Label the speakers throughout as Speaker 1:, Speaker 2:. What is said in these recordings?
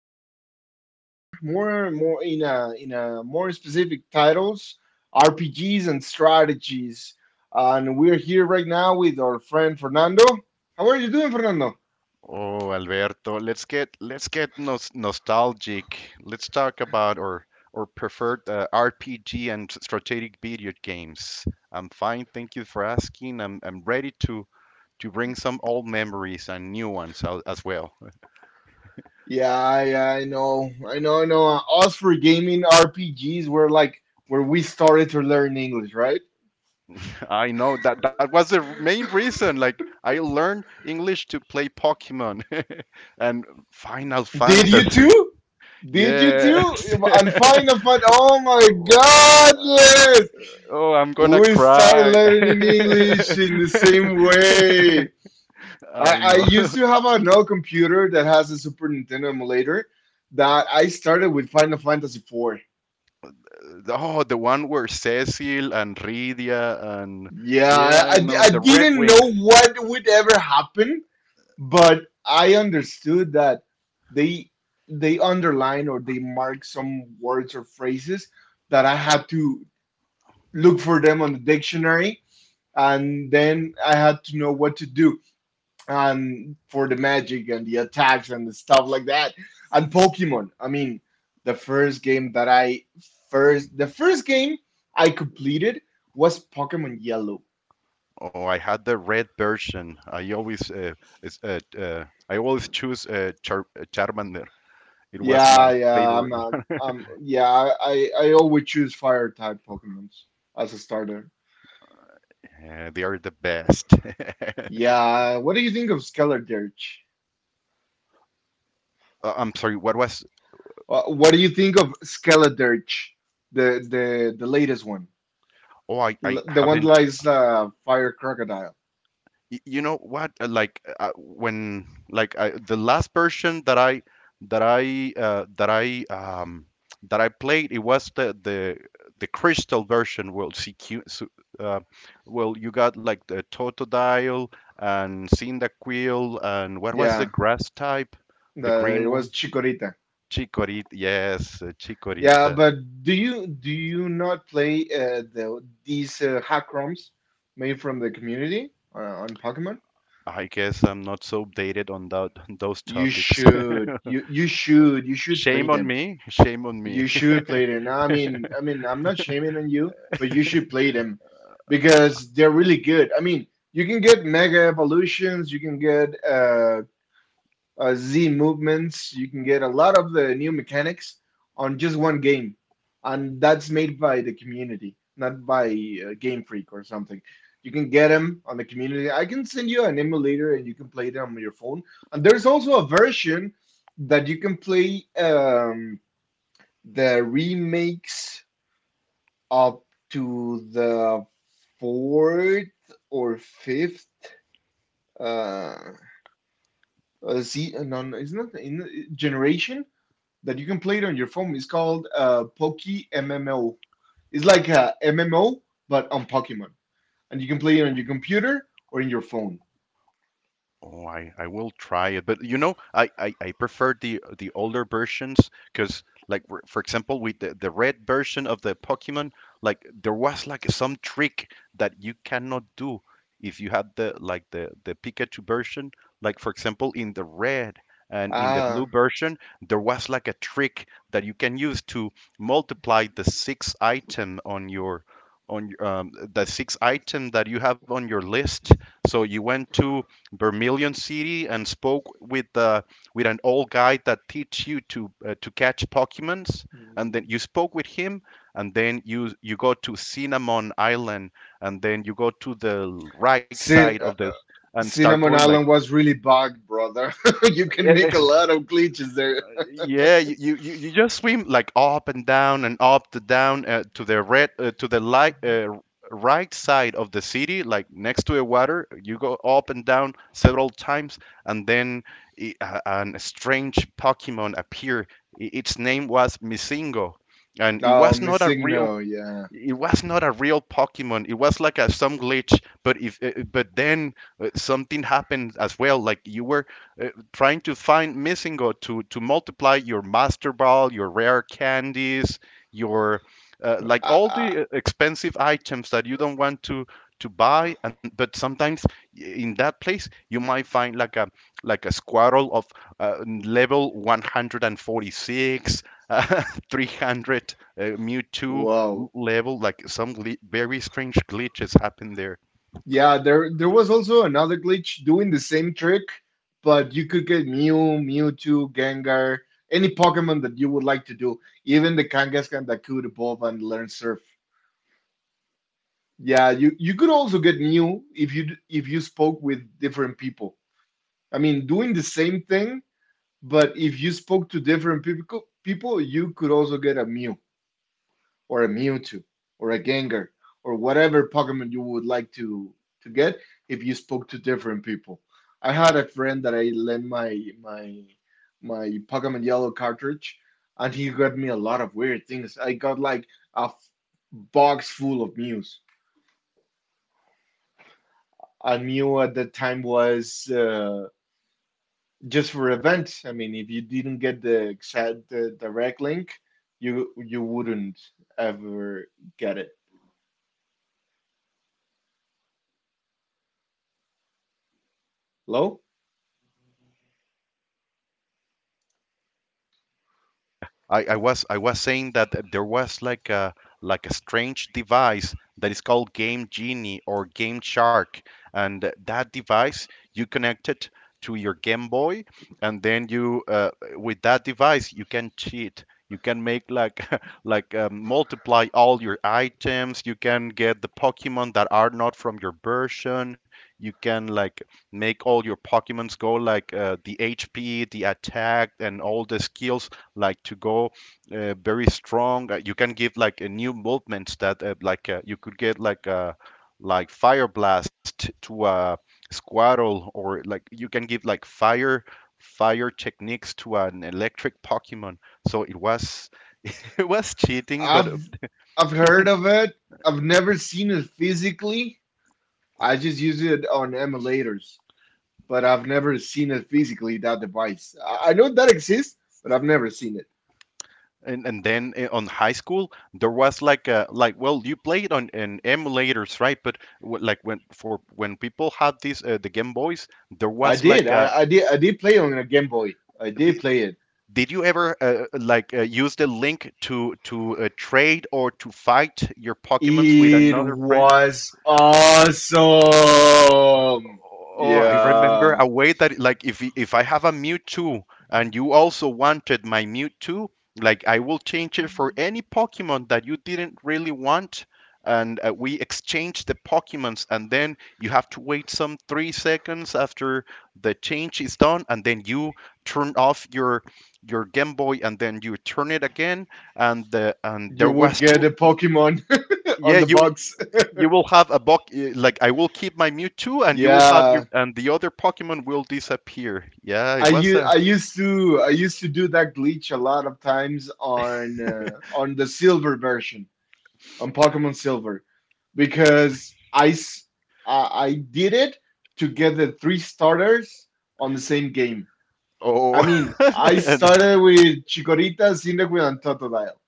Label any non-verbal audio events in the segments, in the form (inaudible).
Speaker 1: video games, in a more specific titles, RPGs and strategies. And we're here right now with our friend Fernando. How are you doing, Fernando?
Speaker 2: Oh, Alberto, let's get nostalgic. Let's talk about our preferred RPG and strategic video games. I'm fine, thank you for asking. I'm ready to bring some old memories and new ones out as well.
Speaker 1: Yeah, yeah, I know, I know, I know. Us for gaming RPGs were like where we started to learn English, right?
Speaker 2: (laughs) I know that that was the main
Speaker 1: (laughs)
Speaker 2: reason. Like I learned English to play Pokemon (laughs) and Final
Speaker 1: Did you
Speaker 2: Fantasy.
Speaker 1: too? Did you too?
Speaker 2: Yes.
Speaker 1: On Final Fun. Oh my God,
Speaker 2: (laughs)
Speaker 1: Les!
Speaker 2: Oh, I'm gonna
Speaker 1: We started
Speaker 2: cry.
Speaker 1: learning
Speaker 2: (laughs)
Speaker 1: English in the same way.
Speaker 2: I
Speaker 1: I
Speaker 2: know.
Speaker 1: used
Speaker 2: (laughs)
Speaker 1: to have an old computer that has a Super Nintendo emulator that I started with Final Fantasy IV.
Speaker 2: Oh, the one where Cecil and Rydia and
Speaker 1: Yeah,
Speaker 2: yeah,
Speaker 1: I,
Speaker 2: I
Speaker 1: I, di-
Speaker 2: know
Speaker 1: I
Speaker 2: the Red
Speaker 1: didn't
Speaker 2: Wings.
Speaker 1: know what would ever happen, but I understood that they they underline or they mark some words or phrases that I had to look for them on the dictionary, and then I had to know what to do and for the magic and the attacks and the stuff like that. And Pokemon, I mean, the first game that I first the first game I completed was Pokemon Yellow.
Speaker 2: Oh, I had the red version. I always I always choose Charmander. It was
Speaker 1: Yeah,
Speaker 2: my
Speaker 1: yeah,
Speaker 2: favorite
Speaker 1: I'm,
Speaker 2: (laughs)
Speaker 1: um,
Speaker 2: one.
Speaker 1: um, yeah, I, I always choose fire type Pokemons as a starter.
Speaker 2: They are the best. (laughs)
Speaker 1: Yeah, what do you think of Skeledirge?
Speaker 2: I'm sorry, what was?
Speaker 1: What do you think of Skeledirge, the latest one?
Speaker 2: Oh, I
Speaker 1: L- The one
Speaker 2: haven't.
Speaker 1: lies fire crocodile.
Speaker 2: You know what? The last version that I that I that I that I played, it was the crystal version. Well, CQ. So, uh, you got like the Totodile and Cyndaquil and what was the
Speaker 1: Yeah,
Speaker 2: grass type? The
Speaker 1: it
Speaker 2: green one.
Speaker 1: was Chikorita.
Speaker 2: Chikorita. Yes,
Speaker 1: Yeah,
Speaker 2: Chikorita.
Speaker 1: but do you not play these hack ROMs made from the community on Pokemon?
Speaker 2: I guess I'm not so updated on that on those
Speaker 1: You
Speaker 2: topics. (laughs)
Speaker 1: should. You should. You should play
Speaker 2: Shame on
Speaker 1: them.
Speaker 2: me. Shame on me.
Speaker 1: You
Speaker 2: (laughs)
Speaker 1: should play them. I mean, I'm not shaming on you, but you should play them because they're really good. I mean, you can get mega evolutions. You can get Z movements. You can get a lot of the new mechanics on just one game, and that's made by the community, not by Game Freak or something. You can get them on the community. I can send you an emulator, and you can play them on your phone. And there's also a version that you can play the remakes up to the fourth or fifth uh, Z, no, no, it's not in generation that you can play it on your phone. It's called Poke MMO. It's like a MMO but on Pokemon, and you can play it on your computer or in your phone.
Speaker 2: Oh, I will try it, but you know, I prefer the older versions because, like for example, with the red version of the Pokemon, like there was like some trick that you cannot do if you had the Pikachu version. Like for example, in the red and in the
Speaker 1: Ah,
Speaker 2: blue version, there was like a trick that you can use to multiply the six item on your, the six item that you have on your list. So you went to Vermilion City and spoke with an old guy that teach you to catch Pokemons, and then you spoke with him, and then you go to Cinnamon Island, and then you go to the right side
Speaker 1: Cin-
Speaker 2: of
Speaker 1: uh,
Speaker 2: this
Speaker 1: uh,
Speaker 2: and start going
Speaker 1: Cinnamon
Speaker 2: like
Speaker 1: Island was really bugged, brother. (laughs) you can make a
Speaker 2: e-
Speaker 1: lot of glitches there. (laughs)
Speaker 2: yeah, you just swim like up and down and up to down to the light right side of the city, like next to the water. You go up and down several times, and then an strange Pokemon appear. Its name was Misingo, and it
Speaker 1: Oh,
Speaker 2: was not a real,
Speaker 1: Missigno, yeah.
Speaker 2: it was not a real Pokemon. It was like a some glitch. But if but then something happened as well. Like you were trying to find Missingo to multiply your Master Ball, your rare candies, your like
Speaker 1: Uh,
Speaker 2: all
Speaker 1: uh,
Speaker 2: the expensive items that you don't want to buy. And but sometimes in that place you might find like a Squirtle of level 146. 300 (laughs) 300, Mewtwo
Speaker 1: wow.
Speaker 2: level. Like very strange glitches happen there.
Speaker 1: Yeah, there was also another glitch doing the same trick, but you could get Mew, Mewtwo, Gengar, any Pokemon that you would like to do, even the Kangaskhan that could evolve and learn Surf. Yeah, you could also get Mew if you if you spoke with different people. I mean, doing the same thing, but if you spoke to different people, people you could also get a Mew, or a Mewtwo or a Gengar or whatever Pokemon you would like to get if you spoke to different people. I had a friend that I lent my Pokemon Yellow cartridge, and he got me a lot of weird things. I got like a f- box full of Mews. And Mew at that time was just for events. I mean, if you didn't get the direct link, you wouldn't ever get it. Hello?
Speaker 2: I was saying that there was like a strange device that is called Game Genie or Game Shark, and that device you connect it to your Game Boy, and then you with that device you can cheat. You can make like (laughs) multiply all your items. You can get the Pokemon that are not from your version. You can like make all your Pokemons go like the HP, the attack, and all the skills like to go very strong. You can give like a new movements that like you could get like a like fire blast to a squirrel or like you can give like fire techniques to an electric Pokemon. So it was (laughs) it was cheating, but
Speaker 1: I've I've heard of it. I've never seen it physically. I just use it on emulators, but I've never seen it physically, that device. I know that exists, but I've never seen it.
Speaker 2: and then on high school there was like a like well you played on an emulators right but like when for when people had this the game boys there
Speaker 1: I
Speaker 2: was
Speaker 1: did.
Speaker 2: like
Speaker 1: I,
Speaker 2: a
Speaker 1: I did I did play on a Game Boy. I
Speaker 2: the,
Speaker 1: did play it.
Speaker 2: did you ever use the link to trade or to fight your Pokemons with
Speaker 1: It
Speaker 2: another friend?
Speaker 1: was awesome.
Speaker 2: Oh, I remember
Speaker 1: Yeah.
Speaker 2: a way that like if if I have a Mewtwo and you also wanted my Mewtwo, like I will change it for any Pokemon that you didn't really want, and we exchange the Pokemons, and then you have to wait some 3 seconds after the change is done, and then you turn off your Game Boy, and then you turn it again, and the and there
Speaker 1: You would
Speaker 2: was
Speaker 1: get
Speaker 2: two.
Speaker 1: a Pokemon (laughs) on
Speaker 2: Yeah,
Speaker 1: the
Speaker 2: you
Speaker 1: box. (laughs)
Speaker 2: you will have a Bok like I will keep my Mewtwo and you will have
Speaker 1: Yeah.
Speaker 2: your and the other Pokemon will disappear. Yeah, it
Speaker 1: I
Speaker 2: was
Speaker 1: u-
Speaker 2: a
Speaker 1: I used to I used to do that glitch a lot of times on the silver version on Pokemon Silver because I did it to get the three starters on the same game. I
Speaker 2: oh
Speaker 1: mean, I
Speaker 2: (laughs) and,
Speaker 1: started with Chikorita, Cyndaquil, and Totodile.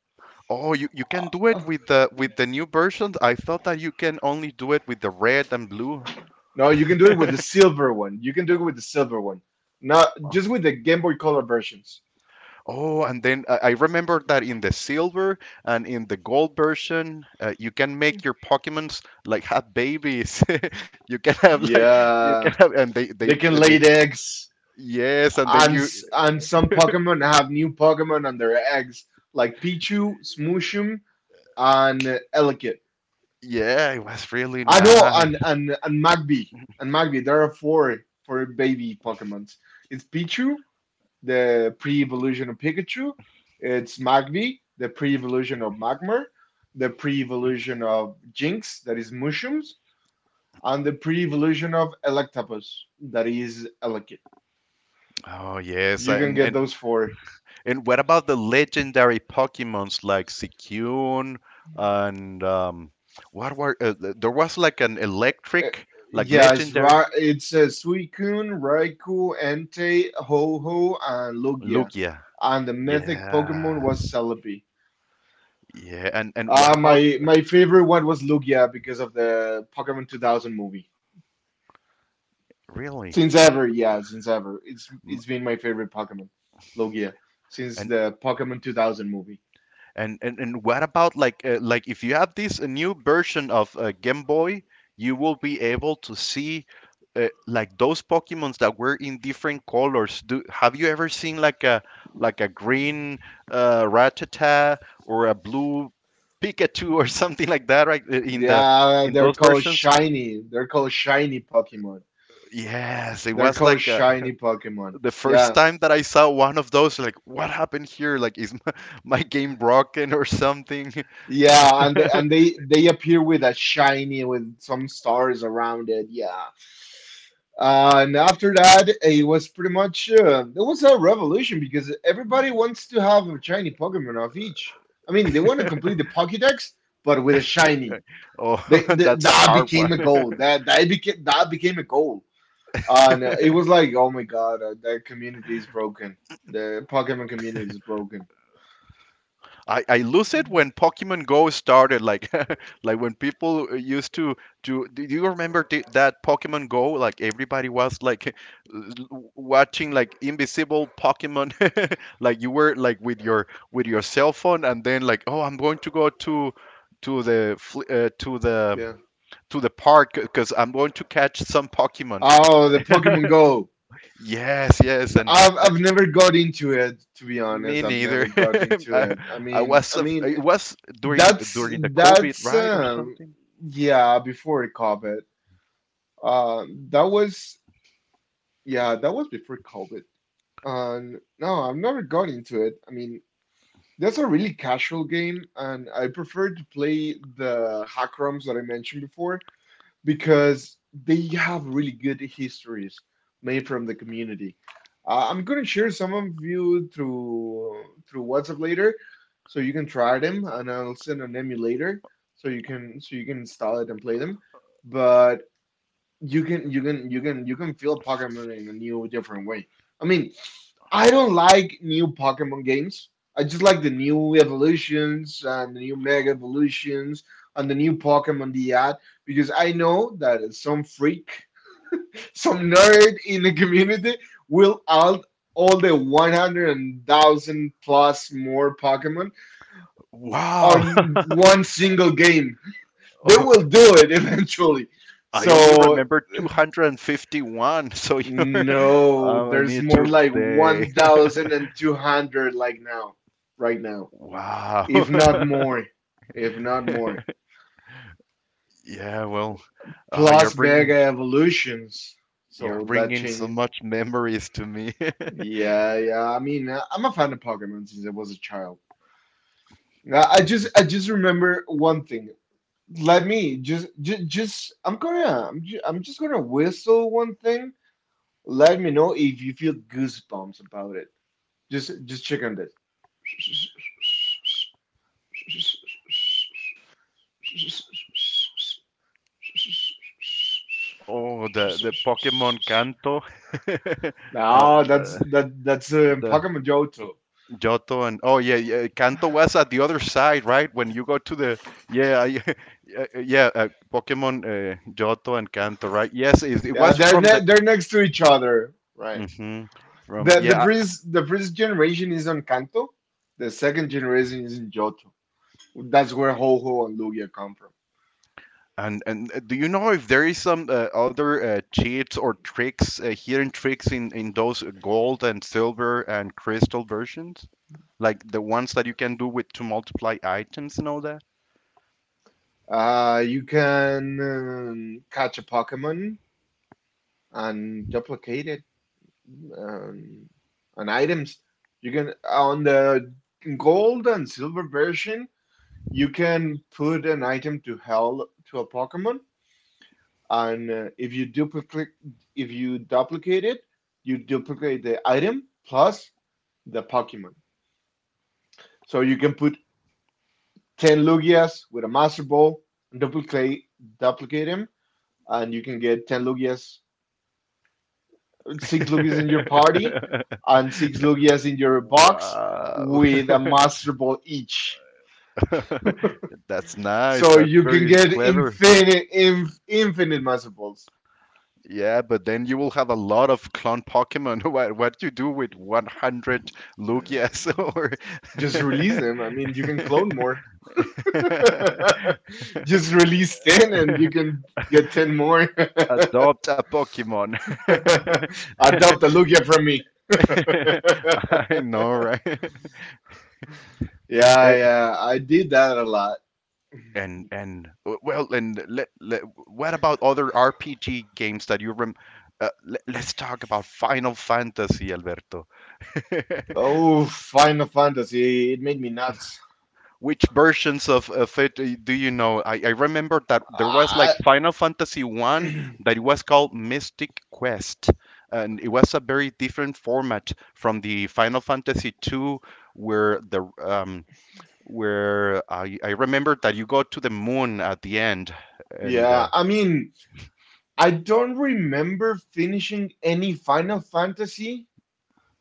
Speaker 2: oh you, you can do
Speaker 1: Uh,
Speaker 2: it with the new versions. I thought that you can only do it with the red and blue.
Speaker 1: No, you can do it with the silver one. You can do it with the silver one. Not just with the Game Boy Color versions.
Speaker 2: Oh, and then I remember that in the silver and in the gold version, you can make your Pokemons like have babies. (laughs) you can have like you can
Speaker 1: Yeah,
Speaker 2: have and
Speaker 1: they can lay
Speaker 2: they
Speaker 1: eggs.
Speaker 2: yes, and then
Speaker 1: And
Speaker 2: you
Speaker 1: s- and some Pokemon have new Pokemon on their eggs, like Pichu, Smooshum, and Elekid.
Speaker 2: yeah, it was really
Speaker 1: I know, and
Speaker 2: nice.
Speaker 1: and Magby. There are four for baby Pokemons. It's Pichu, the pre-evolution of Pikachu. It's Magby, the pre-evolution of Magmar, the pre-evolution of Jinx, that is Mushroom's, and the pre-evolution of Electabuzz, that is Elekid.
Speaker 2: Oh yes,
Speaker 1: You can get those four.
Speaker 2: and what about the legendary Pokemons like Suicune and what were there was like an
Speaker 1: Uh,
Speaker 2: electric like
Speaker 1: Yes,
Speaker 2: legendary
Speaker 1: Ra it's Suicune, Raikou, Entei, Ho-Oh, and Lugia.
Speaker 2: Lugia.
Speaker 1: And the mythic Pokemon
Speaker 2: Yeah,
Speaker 1: was Celebi.
Speaker 2: yeah, and what
Speaker 1: Uh,
Speaker 2: about
Speaker 1: my my favorite one was Lugia because of the Pokemon 2000 movie.
Speaker 2: really?
Speaker 1: Since ever, yeah, since ever.
Speaker 2: M-
Speaker 1: It's been my favorite Pokemon, Lugia, since
Speaker 2: And
Speaker 1: the Pokemon 2000 movie.
Speaker 2: And what about like if you have this new version of Game Boy, you will be able to see like those Pokemons that were in different colors. Do have you ever seen like a green Rattata or a blue Pikachu or (laughs) something like that, right? In the
Speaker 1: Yeah,
Speaker 2: in
Speaker 1: they're
Speaker 2: those
Speaker 1: called
Speaker 2: versions,
Speaker 1: shiny. They're called shiny Pokemon.
Speaker 2: yes, it
Speaker 1: They're
Speaker 2: was
Speaker 1: called
Speaker 2: like
Speaker 1: shiny Pokemon.
Speaker 2: the first
Speaker 1: Yeah.
Speaker 2: time that I saw one of those. Like, what happened here? Like, is my, (laughs) my game broken or something?
Speaker 1: Yeah, and they
Speaker 2: (laughs)
Speaker 1: and they they appear with a shiny with some stars around it. Yeah, and after that, it was pretty much it was a revolution because everybody wants to have a shiny Pokemon of each. I mean, they want to complete the Pokédex, but with a shiny.
Speaker 2: Oh,
Speaker 1: They,
Speaker 2: (laughs)
Speaker 1: th
Speaker 2: that's a
Speaker 1: that
Speaker 2: hard
Speaker 1: became
Speaker 2: one.
Speaker 1: a goal. That became a goal, and it was like, oh my god, the community is broken. The Pokemon community is broken.
Speaker 2: I lose it when Pokemon Go started, like (laughs) like when people used to to. Do you remember the, that Pokemon Go? Like everybody was like (laughs) watching like invisible Pokemon, (laughs) like you were like with your cell phone, and then like oh I'm going to go to
Speaker 1: Yeah.
Speaker 2: to the park because I'm going to catch some Pokemons.
Speaker 1: Oh, the Pokemon Go.
Speaker 2: Yes, yes, and
Speaker 1: I've I've never got into it, to be
Speaker 2: me
Speaker 1: honest. I've never
Speaker 2: neither.
Speaker 1: got
Speaker 2: (laughs)
Speaker 1: into
Speaker 2: I,
Speaker 1: it.
Speaker 2: I was
Speaker 1: I mean
Speaker 2: it was during the COVID,
Speaker 1: that's
Speaker 2: right, or something.
Speaker 1: yeah before COVID. That was yeah, that was before COVID. And no, I've never got into it. I mean, that's a really casual game, and I prefer to play the hack ROMs that I mentioned before, because they have really good histories made from the community. I'm gonna share some of you through WhatsApp later, so you can try them, and I'll send an emulator so you can install it and play them. But you can you can feel Pokemon in a new different way. I mean, I don't like new Pokemon games. I just like the new evolutions and the new mega evolutions and the new Pokemon they add, because I know that some freak, (laughs) some nerd in the community will add all the 100,000 plus more Pokemon
Speaker 2: Wow,
Speaker 1: on
Speaker 2: (laughs)
Speaker 1: one single game. They
Speaker 2: oh,
Speaker 1: will do it (laughs) eventually.
Speaker 2: I only
Speaker 1: So,
Speaker 2: remember 251. So you're, (laughs)
Speaker 1: no,
Speaker 2: I
Speaker 1: there's
Speaker 2: need
Speaker 1: more
Speaker 2: to
Speaker 1: like
Speaker 2: update. (laughs)
Speaker 1: 1,200 like now, right now.
Speaker 2: Wow.
Speaker 1: If not
Speaker 2: (laughs)
Speaker 1: more, if not more.
Speaker 2: Yeah, well, uh, you're
Speaker 1: Plus Mega
Speaker 2: bringing
Speaker 1: Evolutions.
Speaker 2: you're
Speaker 1: So
Speaker 2: bringing
Speaker 1: that
Speaker 2: so
Speaker 1: change.
Speaker 2: much memories to me. (laughs)
Speaker 1: Yeah, yeah. I mean, I- I'm a fan of Pokemon since I was a child. I just remember one thing. Let me just, just. I'm just gonna whistle one thing. Let me know if you feel goosebumps about it. Just check on this.
Speaker 2: Oh, the Pokemon Kanto. (laughs) Uh,
Speaker 1: No,
Speaker 2: the,
Speaker 1: that's that that's
Speaker 2: the
Speaker 1: Pokemon Johto.
Speaker 2: Giotto and oh yeah, yeah, Kanto was at the other side, right? When you go to the yeah, (laughs) yeah, yeah, Pokemon Johto and Kanto, right? Yes, it
Speaker 1: Yeah,
Speaker 2: was
Speaker 1: they're
Speaker 2: from the
Speaker 1: ne- they're next to each other, right?
Speaker 2: hmm from
Speaker 1: The the
Speaker 2: yeah.
Speaker 1: first the first generation is on Kanto, the second generation is in Johto. That's where Ho Ho and Lugia come from.
Speaker 2: And do you know if there is some other cheats or tricks, hidden tricks in those gold and silver and crystal versions, like the ones that you can do with to multiply items and all that?
Speaker 1: You can catch a Pokemon and duplicate it um, on items. You can on the gold and silver version, you can put an item to hell to a Pokemon, and if you duplicate it, you duplicate the item plus the Pokemon. So you can put ten Lugias with a Master Ball, duplicate duplicate him, and you can get ten Lugias, six Lugias in your party,
Speaker 2: (laughs)
Speaker 1: and six Lugias in your box
Speaker 2: Wow.
Speaker 1: with a
Speaker 2: (laughs)
Speaker 1: Master Ball each. (laughs)
Speaker 2: (laughs) That's nice.
Speaker 1: So
Speaker 2: That's
Speaker 1: you can
Speaker 2: very
Speaker 1: get
Speaker 2: clever.
Speaker 1: infinite Master Balls.
Speaker 2: Yeah, but then you will have a lot of clone Pokemon. (laughs) What you do with 100 Lugias (laughs)
Speaker 1: Um.
Speaker 2: or
Speaker 1: Just release them. I mean, you can clone more. (laughs) Just release 10 and you can get 10 more.
Speaker 2: (laughs)
Speaker 1: (laughs)
Speaker 2: adopt a Pokemon. (laughs)
Speaker 1: Adopt a Lugia from me.
Speaker 2: I
Speaker 1: (laughs)
Speaker 2: know, right?
Speaker 1: Yeah,
Speaker 2: (laughs)
Speaker 1: yeah, I did that a lot.
Speaker 2: And w- well, and let, let, what about other RPG games that you rem? Let's talk about Final Fantasy, Alberto. (laughs)
Speaker 1: Oh, Final Fantasy, it made me nuts.
Speaker 2: Which versions of it do you know? I remember that there was
Speaker 1: I,
Speaker 2: like Final Fantasy One
Speaker 1: (clears throat)
Speaker 2: that it was called Mystic Quest, and it was a very different format from the Final Fantasy Two, where the where I remember that you go to the moon at the end, and
Speaker 1: yeah, I mean, I don't remember finishing any Final Fantasy,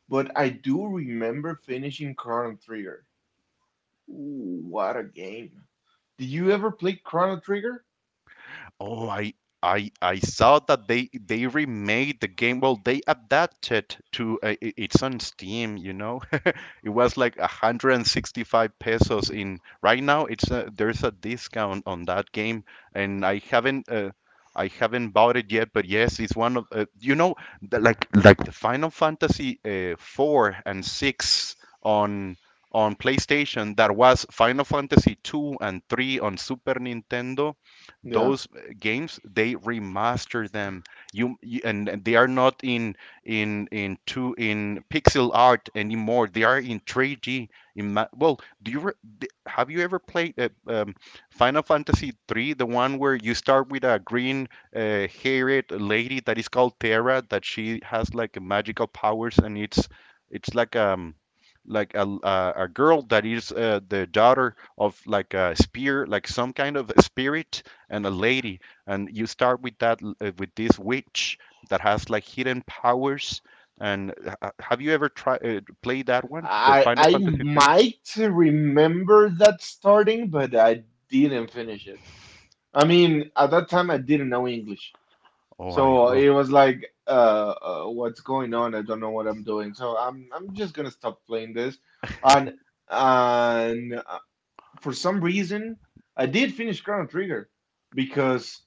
Speaker 1: but I do remember finishing Chrono Trigger. Ooh, what a game. Did you ever play Chrono Trigger?
Speaker 2: oh, I saw that they remade the game. Well, they adapted to it's on Steam, you know. (laughs) It was like 165 pesos in right now it's a, there's a discount on that game and I haven't bought it yet, but yes, it's one of you know the, like the Final Fantasy 4 and 6 on on PlayStation that was Final Fantasy 2 and 3 on Super Nintendo
Speaker 1: Yeah.
Speaker 2: those games, they remaster them. You and they are not in in two in pixel art anymore. They are in 3D. Well, do you have you ever played Final Fantasy 3, the one where you start with a green haired lady that is called Terra, that she has like magical powers, and it's like a girl that is the daughter of like a spear, like some kind of a spirit, and a lady and you start with that with this witch that has like hidden powers. And Have you ever tried played that one, the Final
Speaker 1: I
Speaker 2: Fantasy three?
Speaker 1: might remember that starting, but I didn't finish it. I mean, at that time I didn't know English,
Speaker 2: Oh, I
Speaker 1: so
Speaker 2: well,
Speaker 1: it was like, what's going on? I don't know what I'm doing, so I'm just gonna stop playing this. And and uh, for some reason, I did finish Chrono Trigger because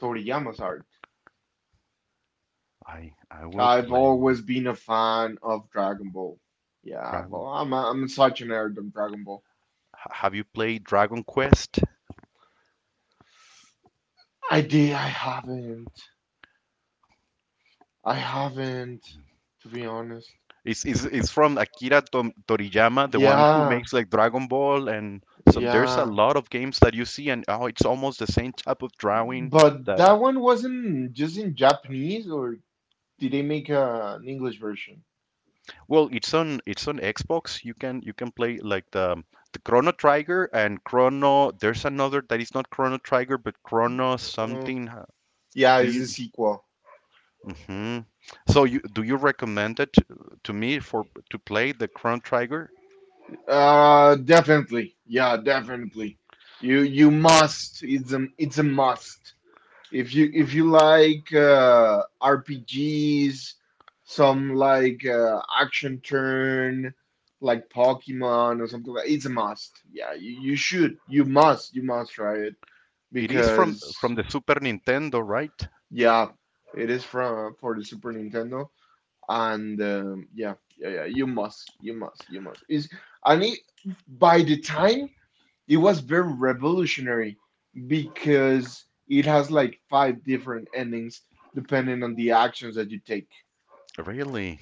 Speaker 1: Toriyama's art.
Speaker 2: I will
Speaker 1: I've
Speaker 2: play
Speaker 1: always
Speaker 2: it.
Speaker 1: been a fan of Dragon Ball. Yeah, well,
Speaker 2: Dragon.
Speaker 1: I'm such a nerd of Dragon Ball.
Speaker 2: Have you played Dragon Quest?
Speaker 1: I did. I haven't. I haven't, to be honest.
Speaker 2: It's from Akira Toriyama, the one who
Speaker 1: Yeah,
Speaker 2: makes like Dragon Ball and some. There's a
Speaker 1: yeah.
Speaker 2: lot of games that you see, and oh, it's almost the same type of drawing
Speaker 1: But
Speaker 2: that
Speaker 1: that one wasn't just in Japanese, or did they make an English version?
Speaker 2: Well, it's on Xbox. You can play like the Chrono Trigger and Chrono. There's another that is not Chrono Trigger, but Chrono
Speaker 1: Uh,
Speaker 2: something.
Speaker 1: yeah,
Speaker 2: Do
Speaker 1: it's a
Speaker 2: you?
Speaker 1: sequel.
Speaker 2: hmm So you do you recommend it to me for to play the Chrono Trigger?
Speaker 1: Definitely. Yeah, definitely. You must. It's a must. If you like RPGs, some like action turn, like Pokemon or something like it's a must. Yeah, you should, you must try it
Speaker 2: It is from
Speaker 1: because
Speaker 2: from the Super Nintendo, right?
Speaker 1: yeah, it is from for the Super Nintendo and yeah, yeah, yeah, you must, you must, you must. And it, by the time it was very revolutionary because it has like five different endings depending on the actions that you take.
Speaker 2: Really?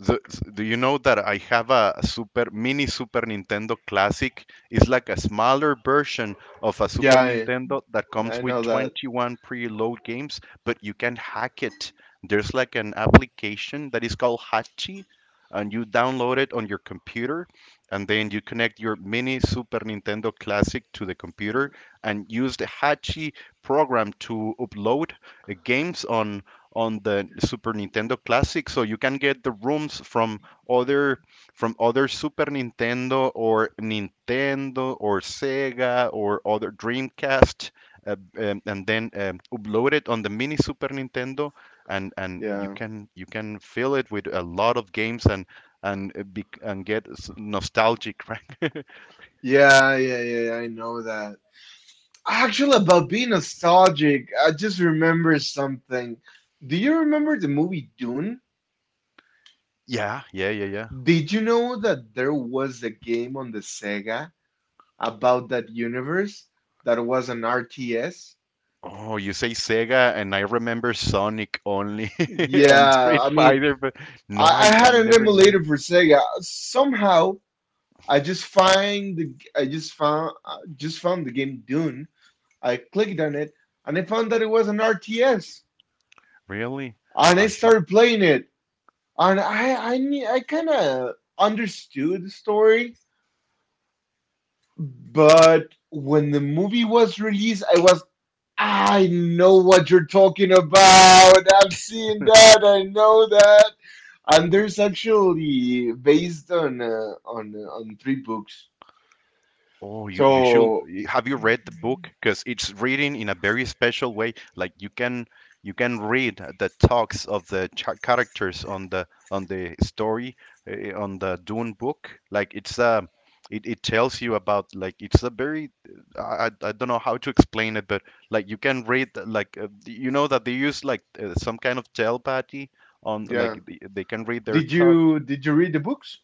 Speaker 2: the, do you know that I have a super mini Super Nintendo Classic? It's like a smaller version of a
Speaker 1: Yeah,
Speaker 2: Super Nintendo that
Speaker 1: I
Speaker 2: comes with
Speaker 1: know that.
Speaker 2: 21 preload games, but you can hack it. There's like an application that is called Hachi, and you download it on your computer, and then you connect your mini Super Nintendo Classic to the computer and use the Hachi program to upload games on the Super Nintendo Classic, so you can get the rooms other from other Super Nintendo or Nintendo or Sega or other Dreamcast, and then upload it on the mini Super Nintendo, and you
Speaker 1: Yeah.
Speaker 2: can fill it with a lot of games and and get nostalgic, (laughs) right?
Speaker 1: Yeah, yeah, yeah, yeah, I know that. Actually, about being nostalgic, I just remember something. Do you remember the movie Dune?
Speaker 2: Yeah, yeah, yeah, yeah.
Speaker 1: Did you know that there was a game on the Sega about that universe that was an RTS?
Speaker 2: Oh, you say Sega, and I remember Sonic only (laughs) and
Speaker 1: Yeah,
Speaker 2: Street
Speaker 1: I mean,
Speaker 2: Fighter, but no,
Speaker 1: I
Speaker 2: I
Speaker 1: had an
Speaker 2: never knew.
Speaker 1: emulator for Sega. Somehow I just found the game Dune. I clicked on it and I found that it was an RTS,
Speaker 2: Really?
Speaker 1: and I
Speaker 2: I should.
Speaker 1: started playing it. And I kind of understood the story, but when the movie was released, I was I know what you're talking about. I've seen that. I know that. And there's actually based on on three books.
Speaker 2: Oh, you should
Speaker 1: So
Speaker 2: have you read the book? Because it's written in a very special way. Like you can read the talks of the characters on the story on the Dune book. It tells you about like it's a very I don't know how to explain it, but like you can read like you know that they use like some kind of telepathy on
Speaker 1: yeah,
Speaker 2: like they can read their
Speaker 1: did
Speaker 2: talk.
Speaker 1: you did you read the books?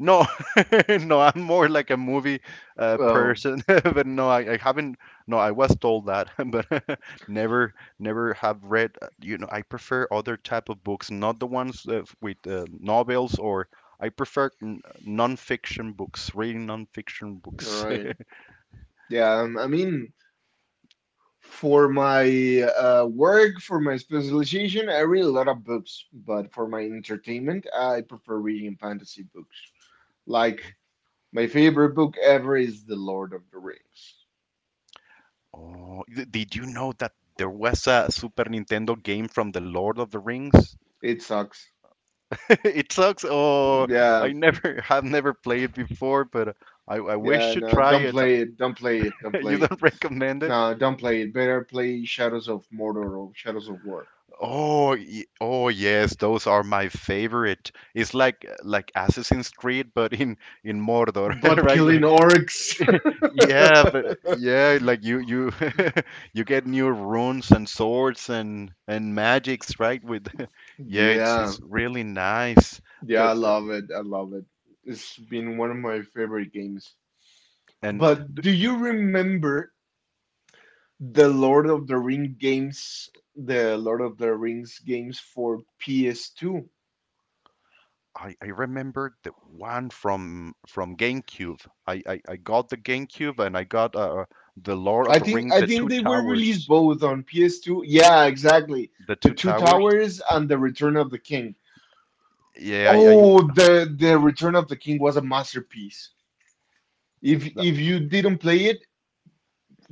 Speaker 2: No, (laughs) no, I'm more like a movie
Speaker 1: Oh,
Speaker 2: person, (laughs) but no, I haven't. No, I was told that, (laughs) but (laughs) never, never have read. You know, I prefer other type of books, not the ones with novels, or I prefer non-fiction books, reading non-fiction
Speaker 1: all
Speaker 2: books.
Speaker 1: right.
Speaker 2: (laughs)
Speaker 1: Yeah, I mean, for my work, for my specialization, I read a lot of books. But for my entertainment, I prefer reading fantasy books. Like my favorite book ever is The Lord of the Rings.
Speaker 2: Oh, did you know that there was a Super Nintendo game from The Lord of the Rings?
Speaker 1: It sucks.
Speaker 2: (laughs) It sucks. Oh,
Speaker 1: Yeah,
Speaker 2: I never (laughs) have never played before, but I
Speaker 1: yeah.
Speaker 2: wish to
Speaker 1: No,
Speaker 2: try
Speaker 1: don't
Speaker 2: it.
Speaker 1: play it. Don't play it. Don't
Speaker 2: (laughs) You
Speaker 1: play it.
Speaker 2: don't recommend it?
Speaker 1: No, don't play it. Better play Shadows of Mordor or Shadows of War.
Speaker 2: Oh, oh yes, those are my favorite. It's like Assassin's Creed, but in Mordor, (laughs)
Speaker 1: But
Speaker 2: right?
Speaker 1: killing
Speaker 2: Like,
Speaker 1: orcs.
Speaker 2: (laughs) yeah, but
Speaker 1: (laughs)
Speaker 2: yeah, like you (laughs) you get new runes and swords and magics, right? With (laughs) yeah,
Speaker 1: Yeah,
Speaker 2: it's really nice.
Speaker 1: yeah, I
Speaker 2: But
Speaker 1: love it. I love it. It's been one of my favorite games.
Speaker 2: and
Speaker 1: But
Speaker 2: th-
Speaker 1: do you remember the Lord of the Rings games for PS2?
Speaker 2: I remember the one from GameCube. I got the GameCube and I got the Lord of the Ring,
Speaker 1: I
Speaker 2: the
Speaker 1: think
Speaker 2: Two
Speaker 1: they were released
Speaker 2: Towers.
Speaker 1: both on PS2. Yeah, exactly.
Speaker 2: The
Speaker 1: The
Speaker 2: two
Speaker 1: Two
Speaker 2: towers.
Speaker 1: Towers and the Return of the King.
Speaker 2: Yeah,
Speaker 1: Oh,
Speaker 2: I
Speaker 1: the Return of the King was a masterpiece. If you didn't play it,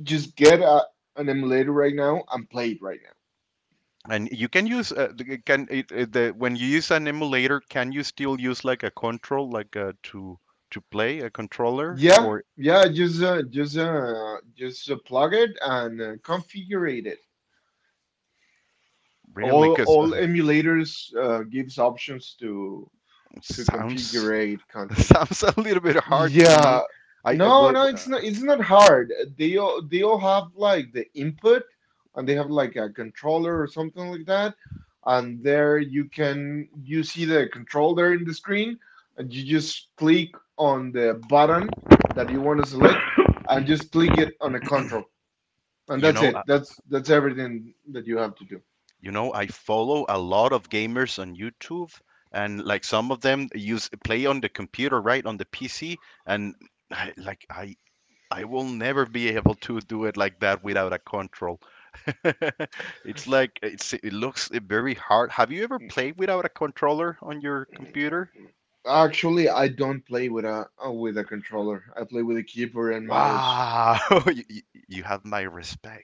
Speaker 1: just get an emulator right now and play it right now.
Speaker 2: and you can use it can when you use an emulator, can you still use like a control, like to play a controller,
Speaker 1: Yeah,
Speaker 2: or
Speaker 1: yeah. Just plug it and configure it.
Speaker 2: really? Because
Speaker 1: All emulators gives options to
Speaker 2: sounds
Speaker 1: configure
Speaker 2: (laughs)
Speaker 1: controls.
Speaker 2: sounds a little bit hard to me.
Speaker 1: Yeah.
Speaker 2: I
Speaker 1: No,
Speaker 2: well,
Speaker 1: it's not hard. They all have like the input and they have like a controller or something like that. And there you can you see the controller in the screen and you just click on the button that you want to select and just click it on a control. And
Speaker 2: you
Speaker 1: that's
Speaker 2: know uh,
Speaker 1: it. That's everything that you have to do.
Speaker 2: you know I follow a lot of gamers on YouTube, and like some of them use play on the computer, right, on the PC, and (sighs) I, like I will never be able to do it like that without a control. (laughs) It's like it's it looks very hard. Have you ever played without a controller on your computer?
Speaker 1: Actually, I don't play with a controller. I play with a keyboard and
Speaker 2: Wow,
Speaker 1: mouse.
Speaker 2: (laughs) you, you, you have my respect.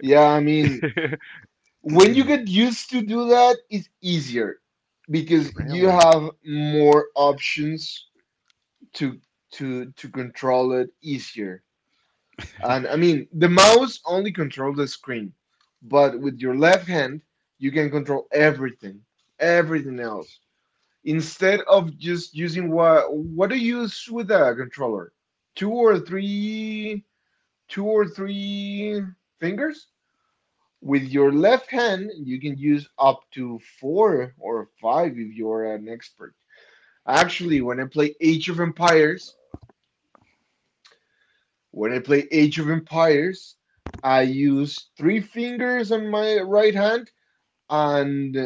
Speaker 1: Yeah, I mean, when you
Speaker 2: (clears throat)
Speaker 1: get used to do that it's easier because you
Speaker 2: Really?
Speaker 1: have more options to to control it easier. And I mean the mouse only controls the screen, but with your left hand you can control everything, everything else, instead of just using what do you use with a controller, two or three, two or three fingers. With your left hand, you can use up to four or five if you're an expert. Actually, when I play Age of Empires, I use three fingers on my right hand and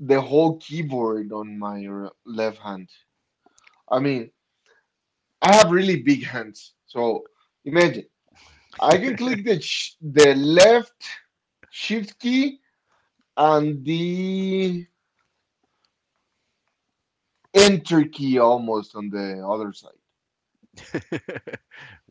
Speaker 1: the whole keyboard on my left hand. I mean, I have really big hands. So imagine, I can click the left shift key and the in Turkey almost on the other side.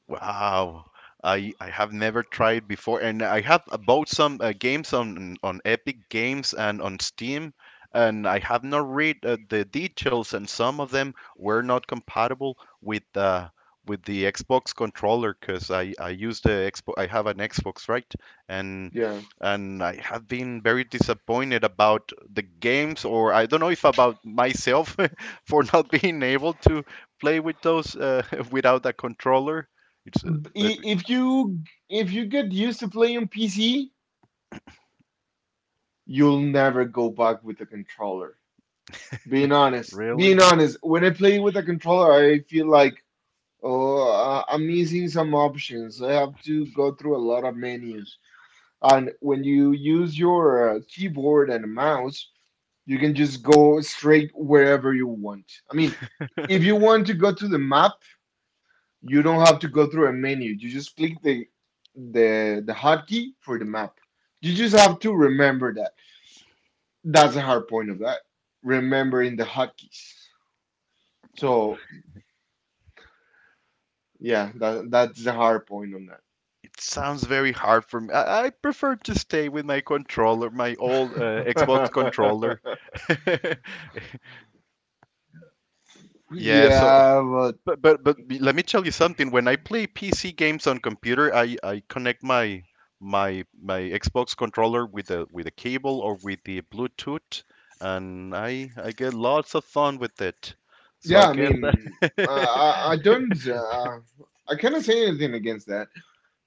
Speaker 2: Wow. I have never tried before, and I have bought some games on Epic Games and on Steam, and I have not read the details, and some of them were not compatible with the Xbox controller because I use the Xbox I have an Xbox right, and
Speaker 1: Yeah.
Speaker 2: and I have been very disappointed about the games, or I don't know if about myself (laughs) for not being able to play with those (laughs) without a controller it's a, but
Speaker 1: If you get used to play on PC, you'll never go back with a controller.
Speaker 2: really,
Speaker 1: Being honest, when I play with a controller, I feel like I'm missing some options. I have to go through a lot of menus. And when you use your keyboard and mouse, you can just go straight wherever you want. I mean, if you want to go to the map, you don't have to go through a menu. You just click the hotkey for the map. You just have to remember that. That's the hard point of that. Remembering the hotkeys. So yeah, that's the hard point on that.
Speaker 2: it sounds very hard for me. I prefer to stay with my controller, my old Xbox controller. (laughs)
Speaker 1: (laughs)
Speaker 2: Yeah, so
Speaker 1: Yeah, but
Speaker 2: but let me tell you something. When I play PC games on computer, I connect my Xbox controller with a cable or with the Bluetooth, and I get lots of fun with it. So
Speaker 1: yeah,
Speaker 2: I
Speaker 1: I
Speaker 2: guess
Speaker 1: mean, uh,
Speaker 2: that (laughs)
Speaker 1: I I don't uh, I cannot say anything against that.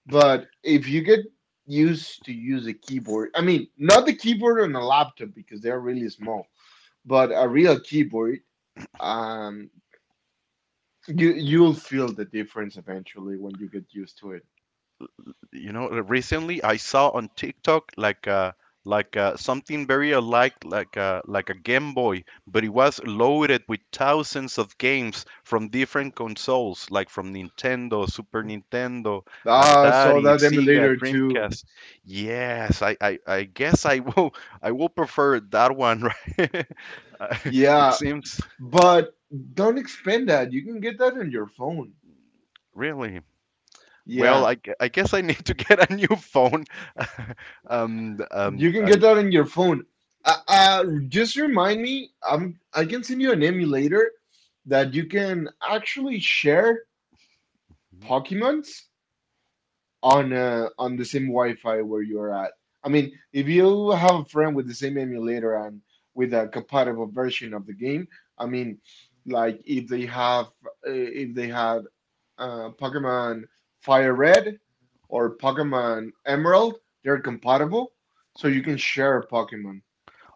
Speaker 1: But if you get used to use a keyboard, I mean, not the keyboard on a laptop because they're really small, but a real keyboard, um you'll feel the difference eventually when you get used to it.
Speaker 2: you know recently I saw on TikTok like something very alike, like a Game Boy, but it was loaded with thousands of games from different consoles, like from Nintendo, Super Nintendo,
Speaker 1: Ah, so
Speaker 2: Atari,
Speaker 1: that
Speaker 2: Sega,
Speaker 1: emulator too.
Speaker 2: Dreamcast. Yes, I guess I will (laughs) I will prefer that one, (laughs) right? Uh, it
Speaker 1: Yeah,
Speaker 2: seems
Speaker 1: but don't expend that you can get that on your phone.
Speaker 2: really well,
Speaker 1: Yeah,
Speaker 2: I guess I need to get a new phone. (laughs)
Speaker 1: you can get
Speaker 2: I
Speaker 1: that on your phone. Just remind me, I'm I can send you an emulator that you can actually share pokemons on the same Wi-Fi where you're at. I mean, if you have a friend with the same emulator and with a compatible version of the game, I mean, like if they have if they had Pokemon Fire Red or Pokemon Emerald, they're compatible, so you can share a Pokemon.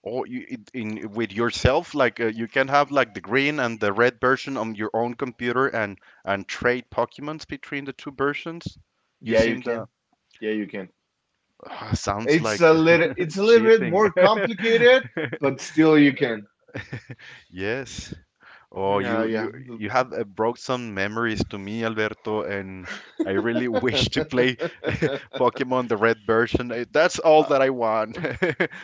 Speaker 2: Or you, in with yourself, like you can have like the green and the red version on your own computer and trade Pokemons between the two versions
Speaker 1: Yeah, you
Speaker 2: using the
Speaker 1: can. Yeah, you can.
Speaker 2: Ah, sounds like
Speaker 1: It's a little bit
Speaker 2: cheating.
Speaker 1: more complicated,
Speaker 2: (laughs)
Speaker 1: but still you can.
Speaker 2: Yes. Oh,
Speaker 1: Yeah,
Speaker 2: you have brought some memories to me, Alberto, and I really (laughs) wish to
Speaker 1: yeah.
Speaker 2: play Pokemon the red version. That's all that
Speaker 1: (laughs)
Speaker 2: I want,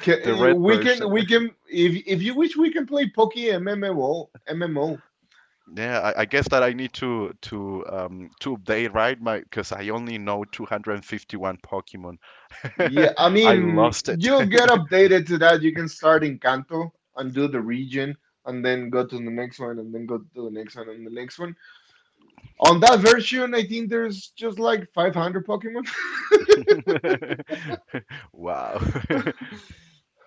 Speaker 2: the red version.
Speaker 1: We can if you wish we can play Poke MMO.
Speaker 2: Yeah, I guess that I need to update, right? My because I only know 251 Pokemon.
Speaker 1: Yeah, I
Speaker 2: (laughs) I
Speaker 1: mean
Speaker 2: lost it.
Speaker 1: you'll get updated to that. You can start in Kanto and do the region and then go to the next one and then go to the next one and the next one. On that version, I think there's just like 500 Pokemon,
Speaker 2: (laughs) Wow. (laughs)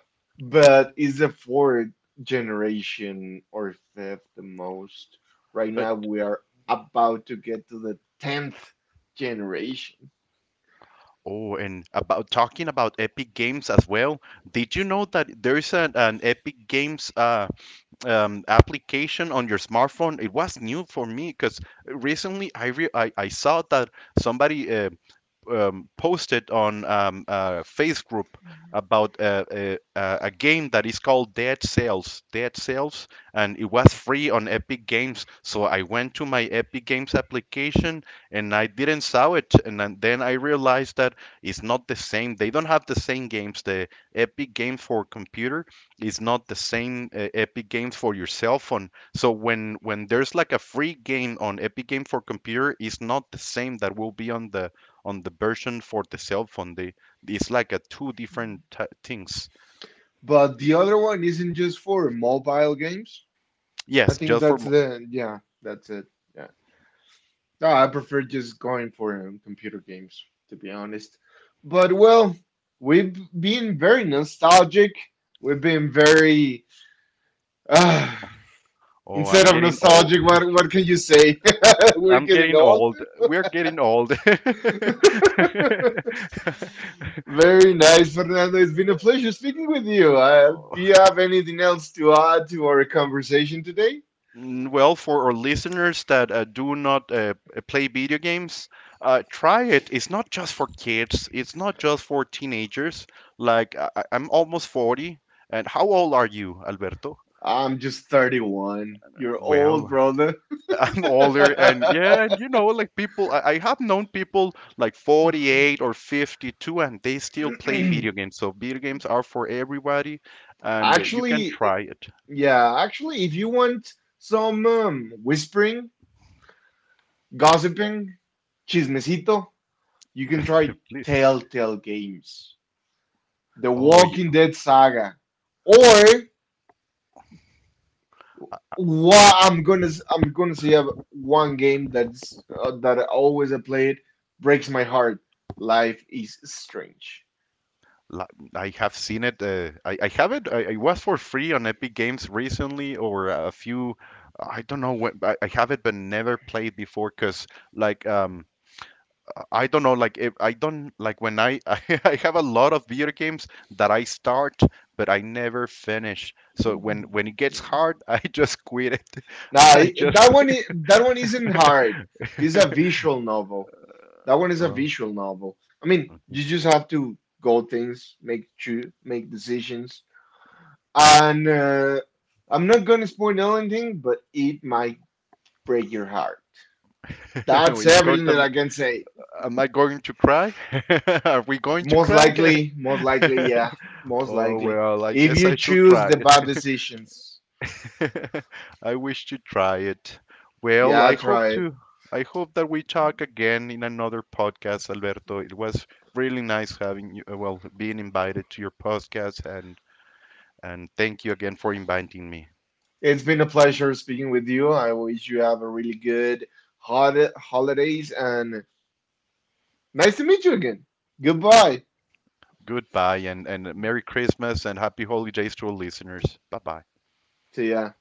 Speaker 1: (laughs) but it's the fourth generation or fifth the most. Right
Speaker 2: But-
Speaker 1: now we are about to get to the 10th generation.
Speaker 2: Oh, and about talking about Epic Games as well, did you know that there's an Epic Games application on your smartphone? It was new for me because recently I saw that somebody posted on a face group about a game that is called Dead Cells. Dead Cells, and it was free on Epic Games. So I went to my Epic Games application and I didn't saw it. And then I realized that it's not the same. They don't have the same games. The Epic Games for computer is not the same Epic Games for your cell phone. So when there's like a free game on Epic Games for computer, it's not the same that will be on the version for the cell phone. They It's like a two different things.
Speaker 1: But the other one isn't just for mobile games. I
Speaker 2: Yes,
Speaker 1: think
Speaker 2: just for
Speaker 1: that's the Yeah, that's it. Yeah. No, I prefer just going for computer games, to be honest. But well, we've been very nostalgic. We've been very uh,
Speaker 2: oh,
Speaker 1: Instead
Speaker 2: I'm
Speaker 1: of
Speaker 2: getting old.
Speaker 1: nostalgic, what can you say? (laughs) We're
Speaker 2: I'm
Speaker 1: getting
Speaker 2: getting
Speaker 1: old.
Speaker 2: old. We're getting old. (laughs)
Speaker 1: (laughs) Very nice, Fernando. It's been a pleasure speaking with you.
Speaker 2: Oh,
Speaker 1: Do you have anything else to add to our conversation today?
Speaker 2: Well, for our listeners that do not play video games, try it. It's not just for kids. It's not just for teenagers. Like I'm almost 40, and how old are you, Alberto?
Speaker 1: I'm just 31. You're old,
Speaker 2: Well,
Speaker 1: brother.
Speaker 2: I'm
Speaker 1: (laughs)
Speaker 2: older, and yeah, and you know, like people, I have known people like 48 or 52, and they still play video games. So video games are for everybody, and you can
Speaker 1: Actually,
Speaker 2: try it,
Speaker 1: yeah, actually, if you want some whispering, gossiping, chismecito, you can try
Speaker 2: (laughs) please.
Speaker 1: Telltale Games, The
Speaker 2: Oh,
Speaker 1: Walking Dead saga, or what I'm gonna say one game that's that I always I played breaks my heart. Life is strange.
Speaker 2: la- I have seen it. I have it. I was for free on Epic Games recently, or a few. I don't know when. I have it, but never played before, cause like. I don't know, like if I don't like when I (laughs) I have a lot of video games that I start but I never finish. So when
Speaker 1: Mhm.
Speaker 2: when it gets hard, (laughs) I just quit it. (laughs)
Speaker 1: Nah,
Speaker 2: I just quit.
Speaker 1: that one isn't hard. It's a
Speaker 2: (laughs)
Speaker 1: visual novel. That one is a
Speaker 2: Oh.
Speaker 1: visual novel. I mean, you just have to go things, make choose, make decisions, and I'm not gonna spoil anything, but it might break your heart. That's
Speaker 2: (laughs) It's going
Speaker 1: everything
Speaker 2: to.
Speaker 1: that I can say.
Speaker 2: Am I going to cry? (laughs) Are we going to cry? (laughs)
Speaker 1: Most likely, yeah, most
Speaker 2: Oh
Speaker 1: likely.
Speaker 2: well, I
Speaker 1: If
Speaker 2: guess I
Speaker 1: you
Speaker 2: should
Speaker 1: choose
Speaker 2: try.
Speaker 1: the bad decisions,
Speaker 2: (laughs) I wish you try it. Well,
Speaker 1: yeah, try it.
Speaker 2: I hope that we talk again in another podcast, Alberto. It was really nice having you, well, being invited to your podcast and thank you again for inviting me.
Speaker 1: It's been a pleasure speaking with you. I wish you have a really good hot holidays and nice to meet you again.
Speaker 2: Ha-
Speaker 1: Goodbye.
Speaker 2: Goodbye and Merry Christmas and happy holidays to all listeners. Bye-bye.
Speaker 1: See ya.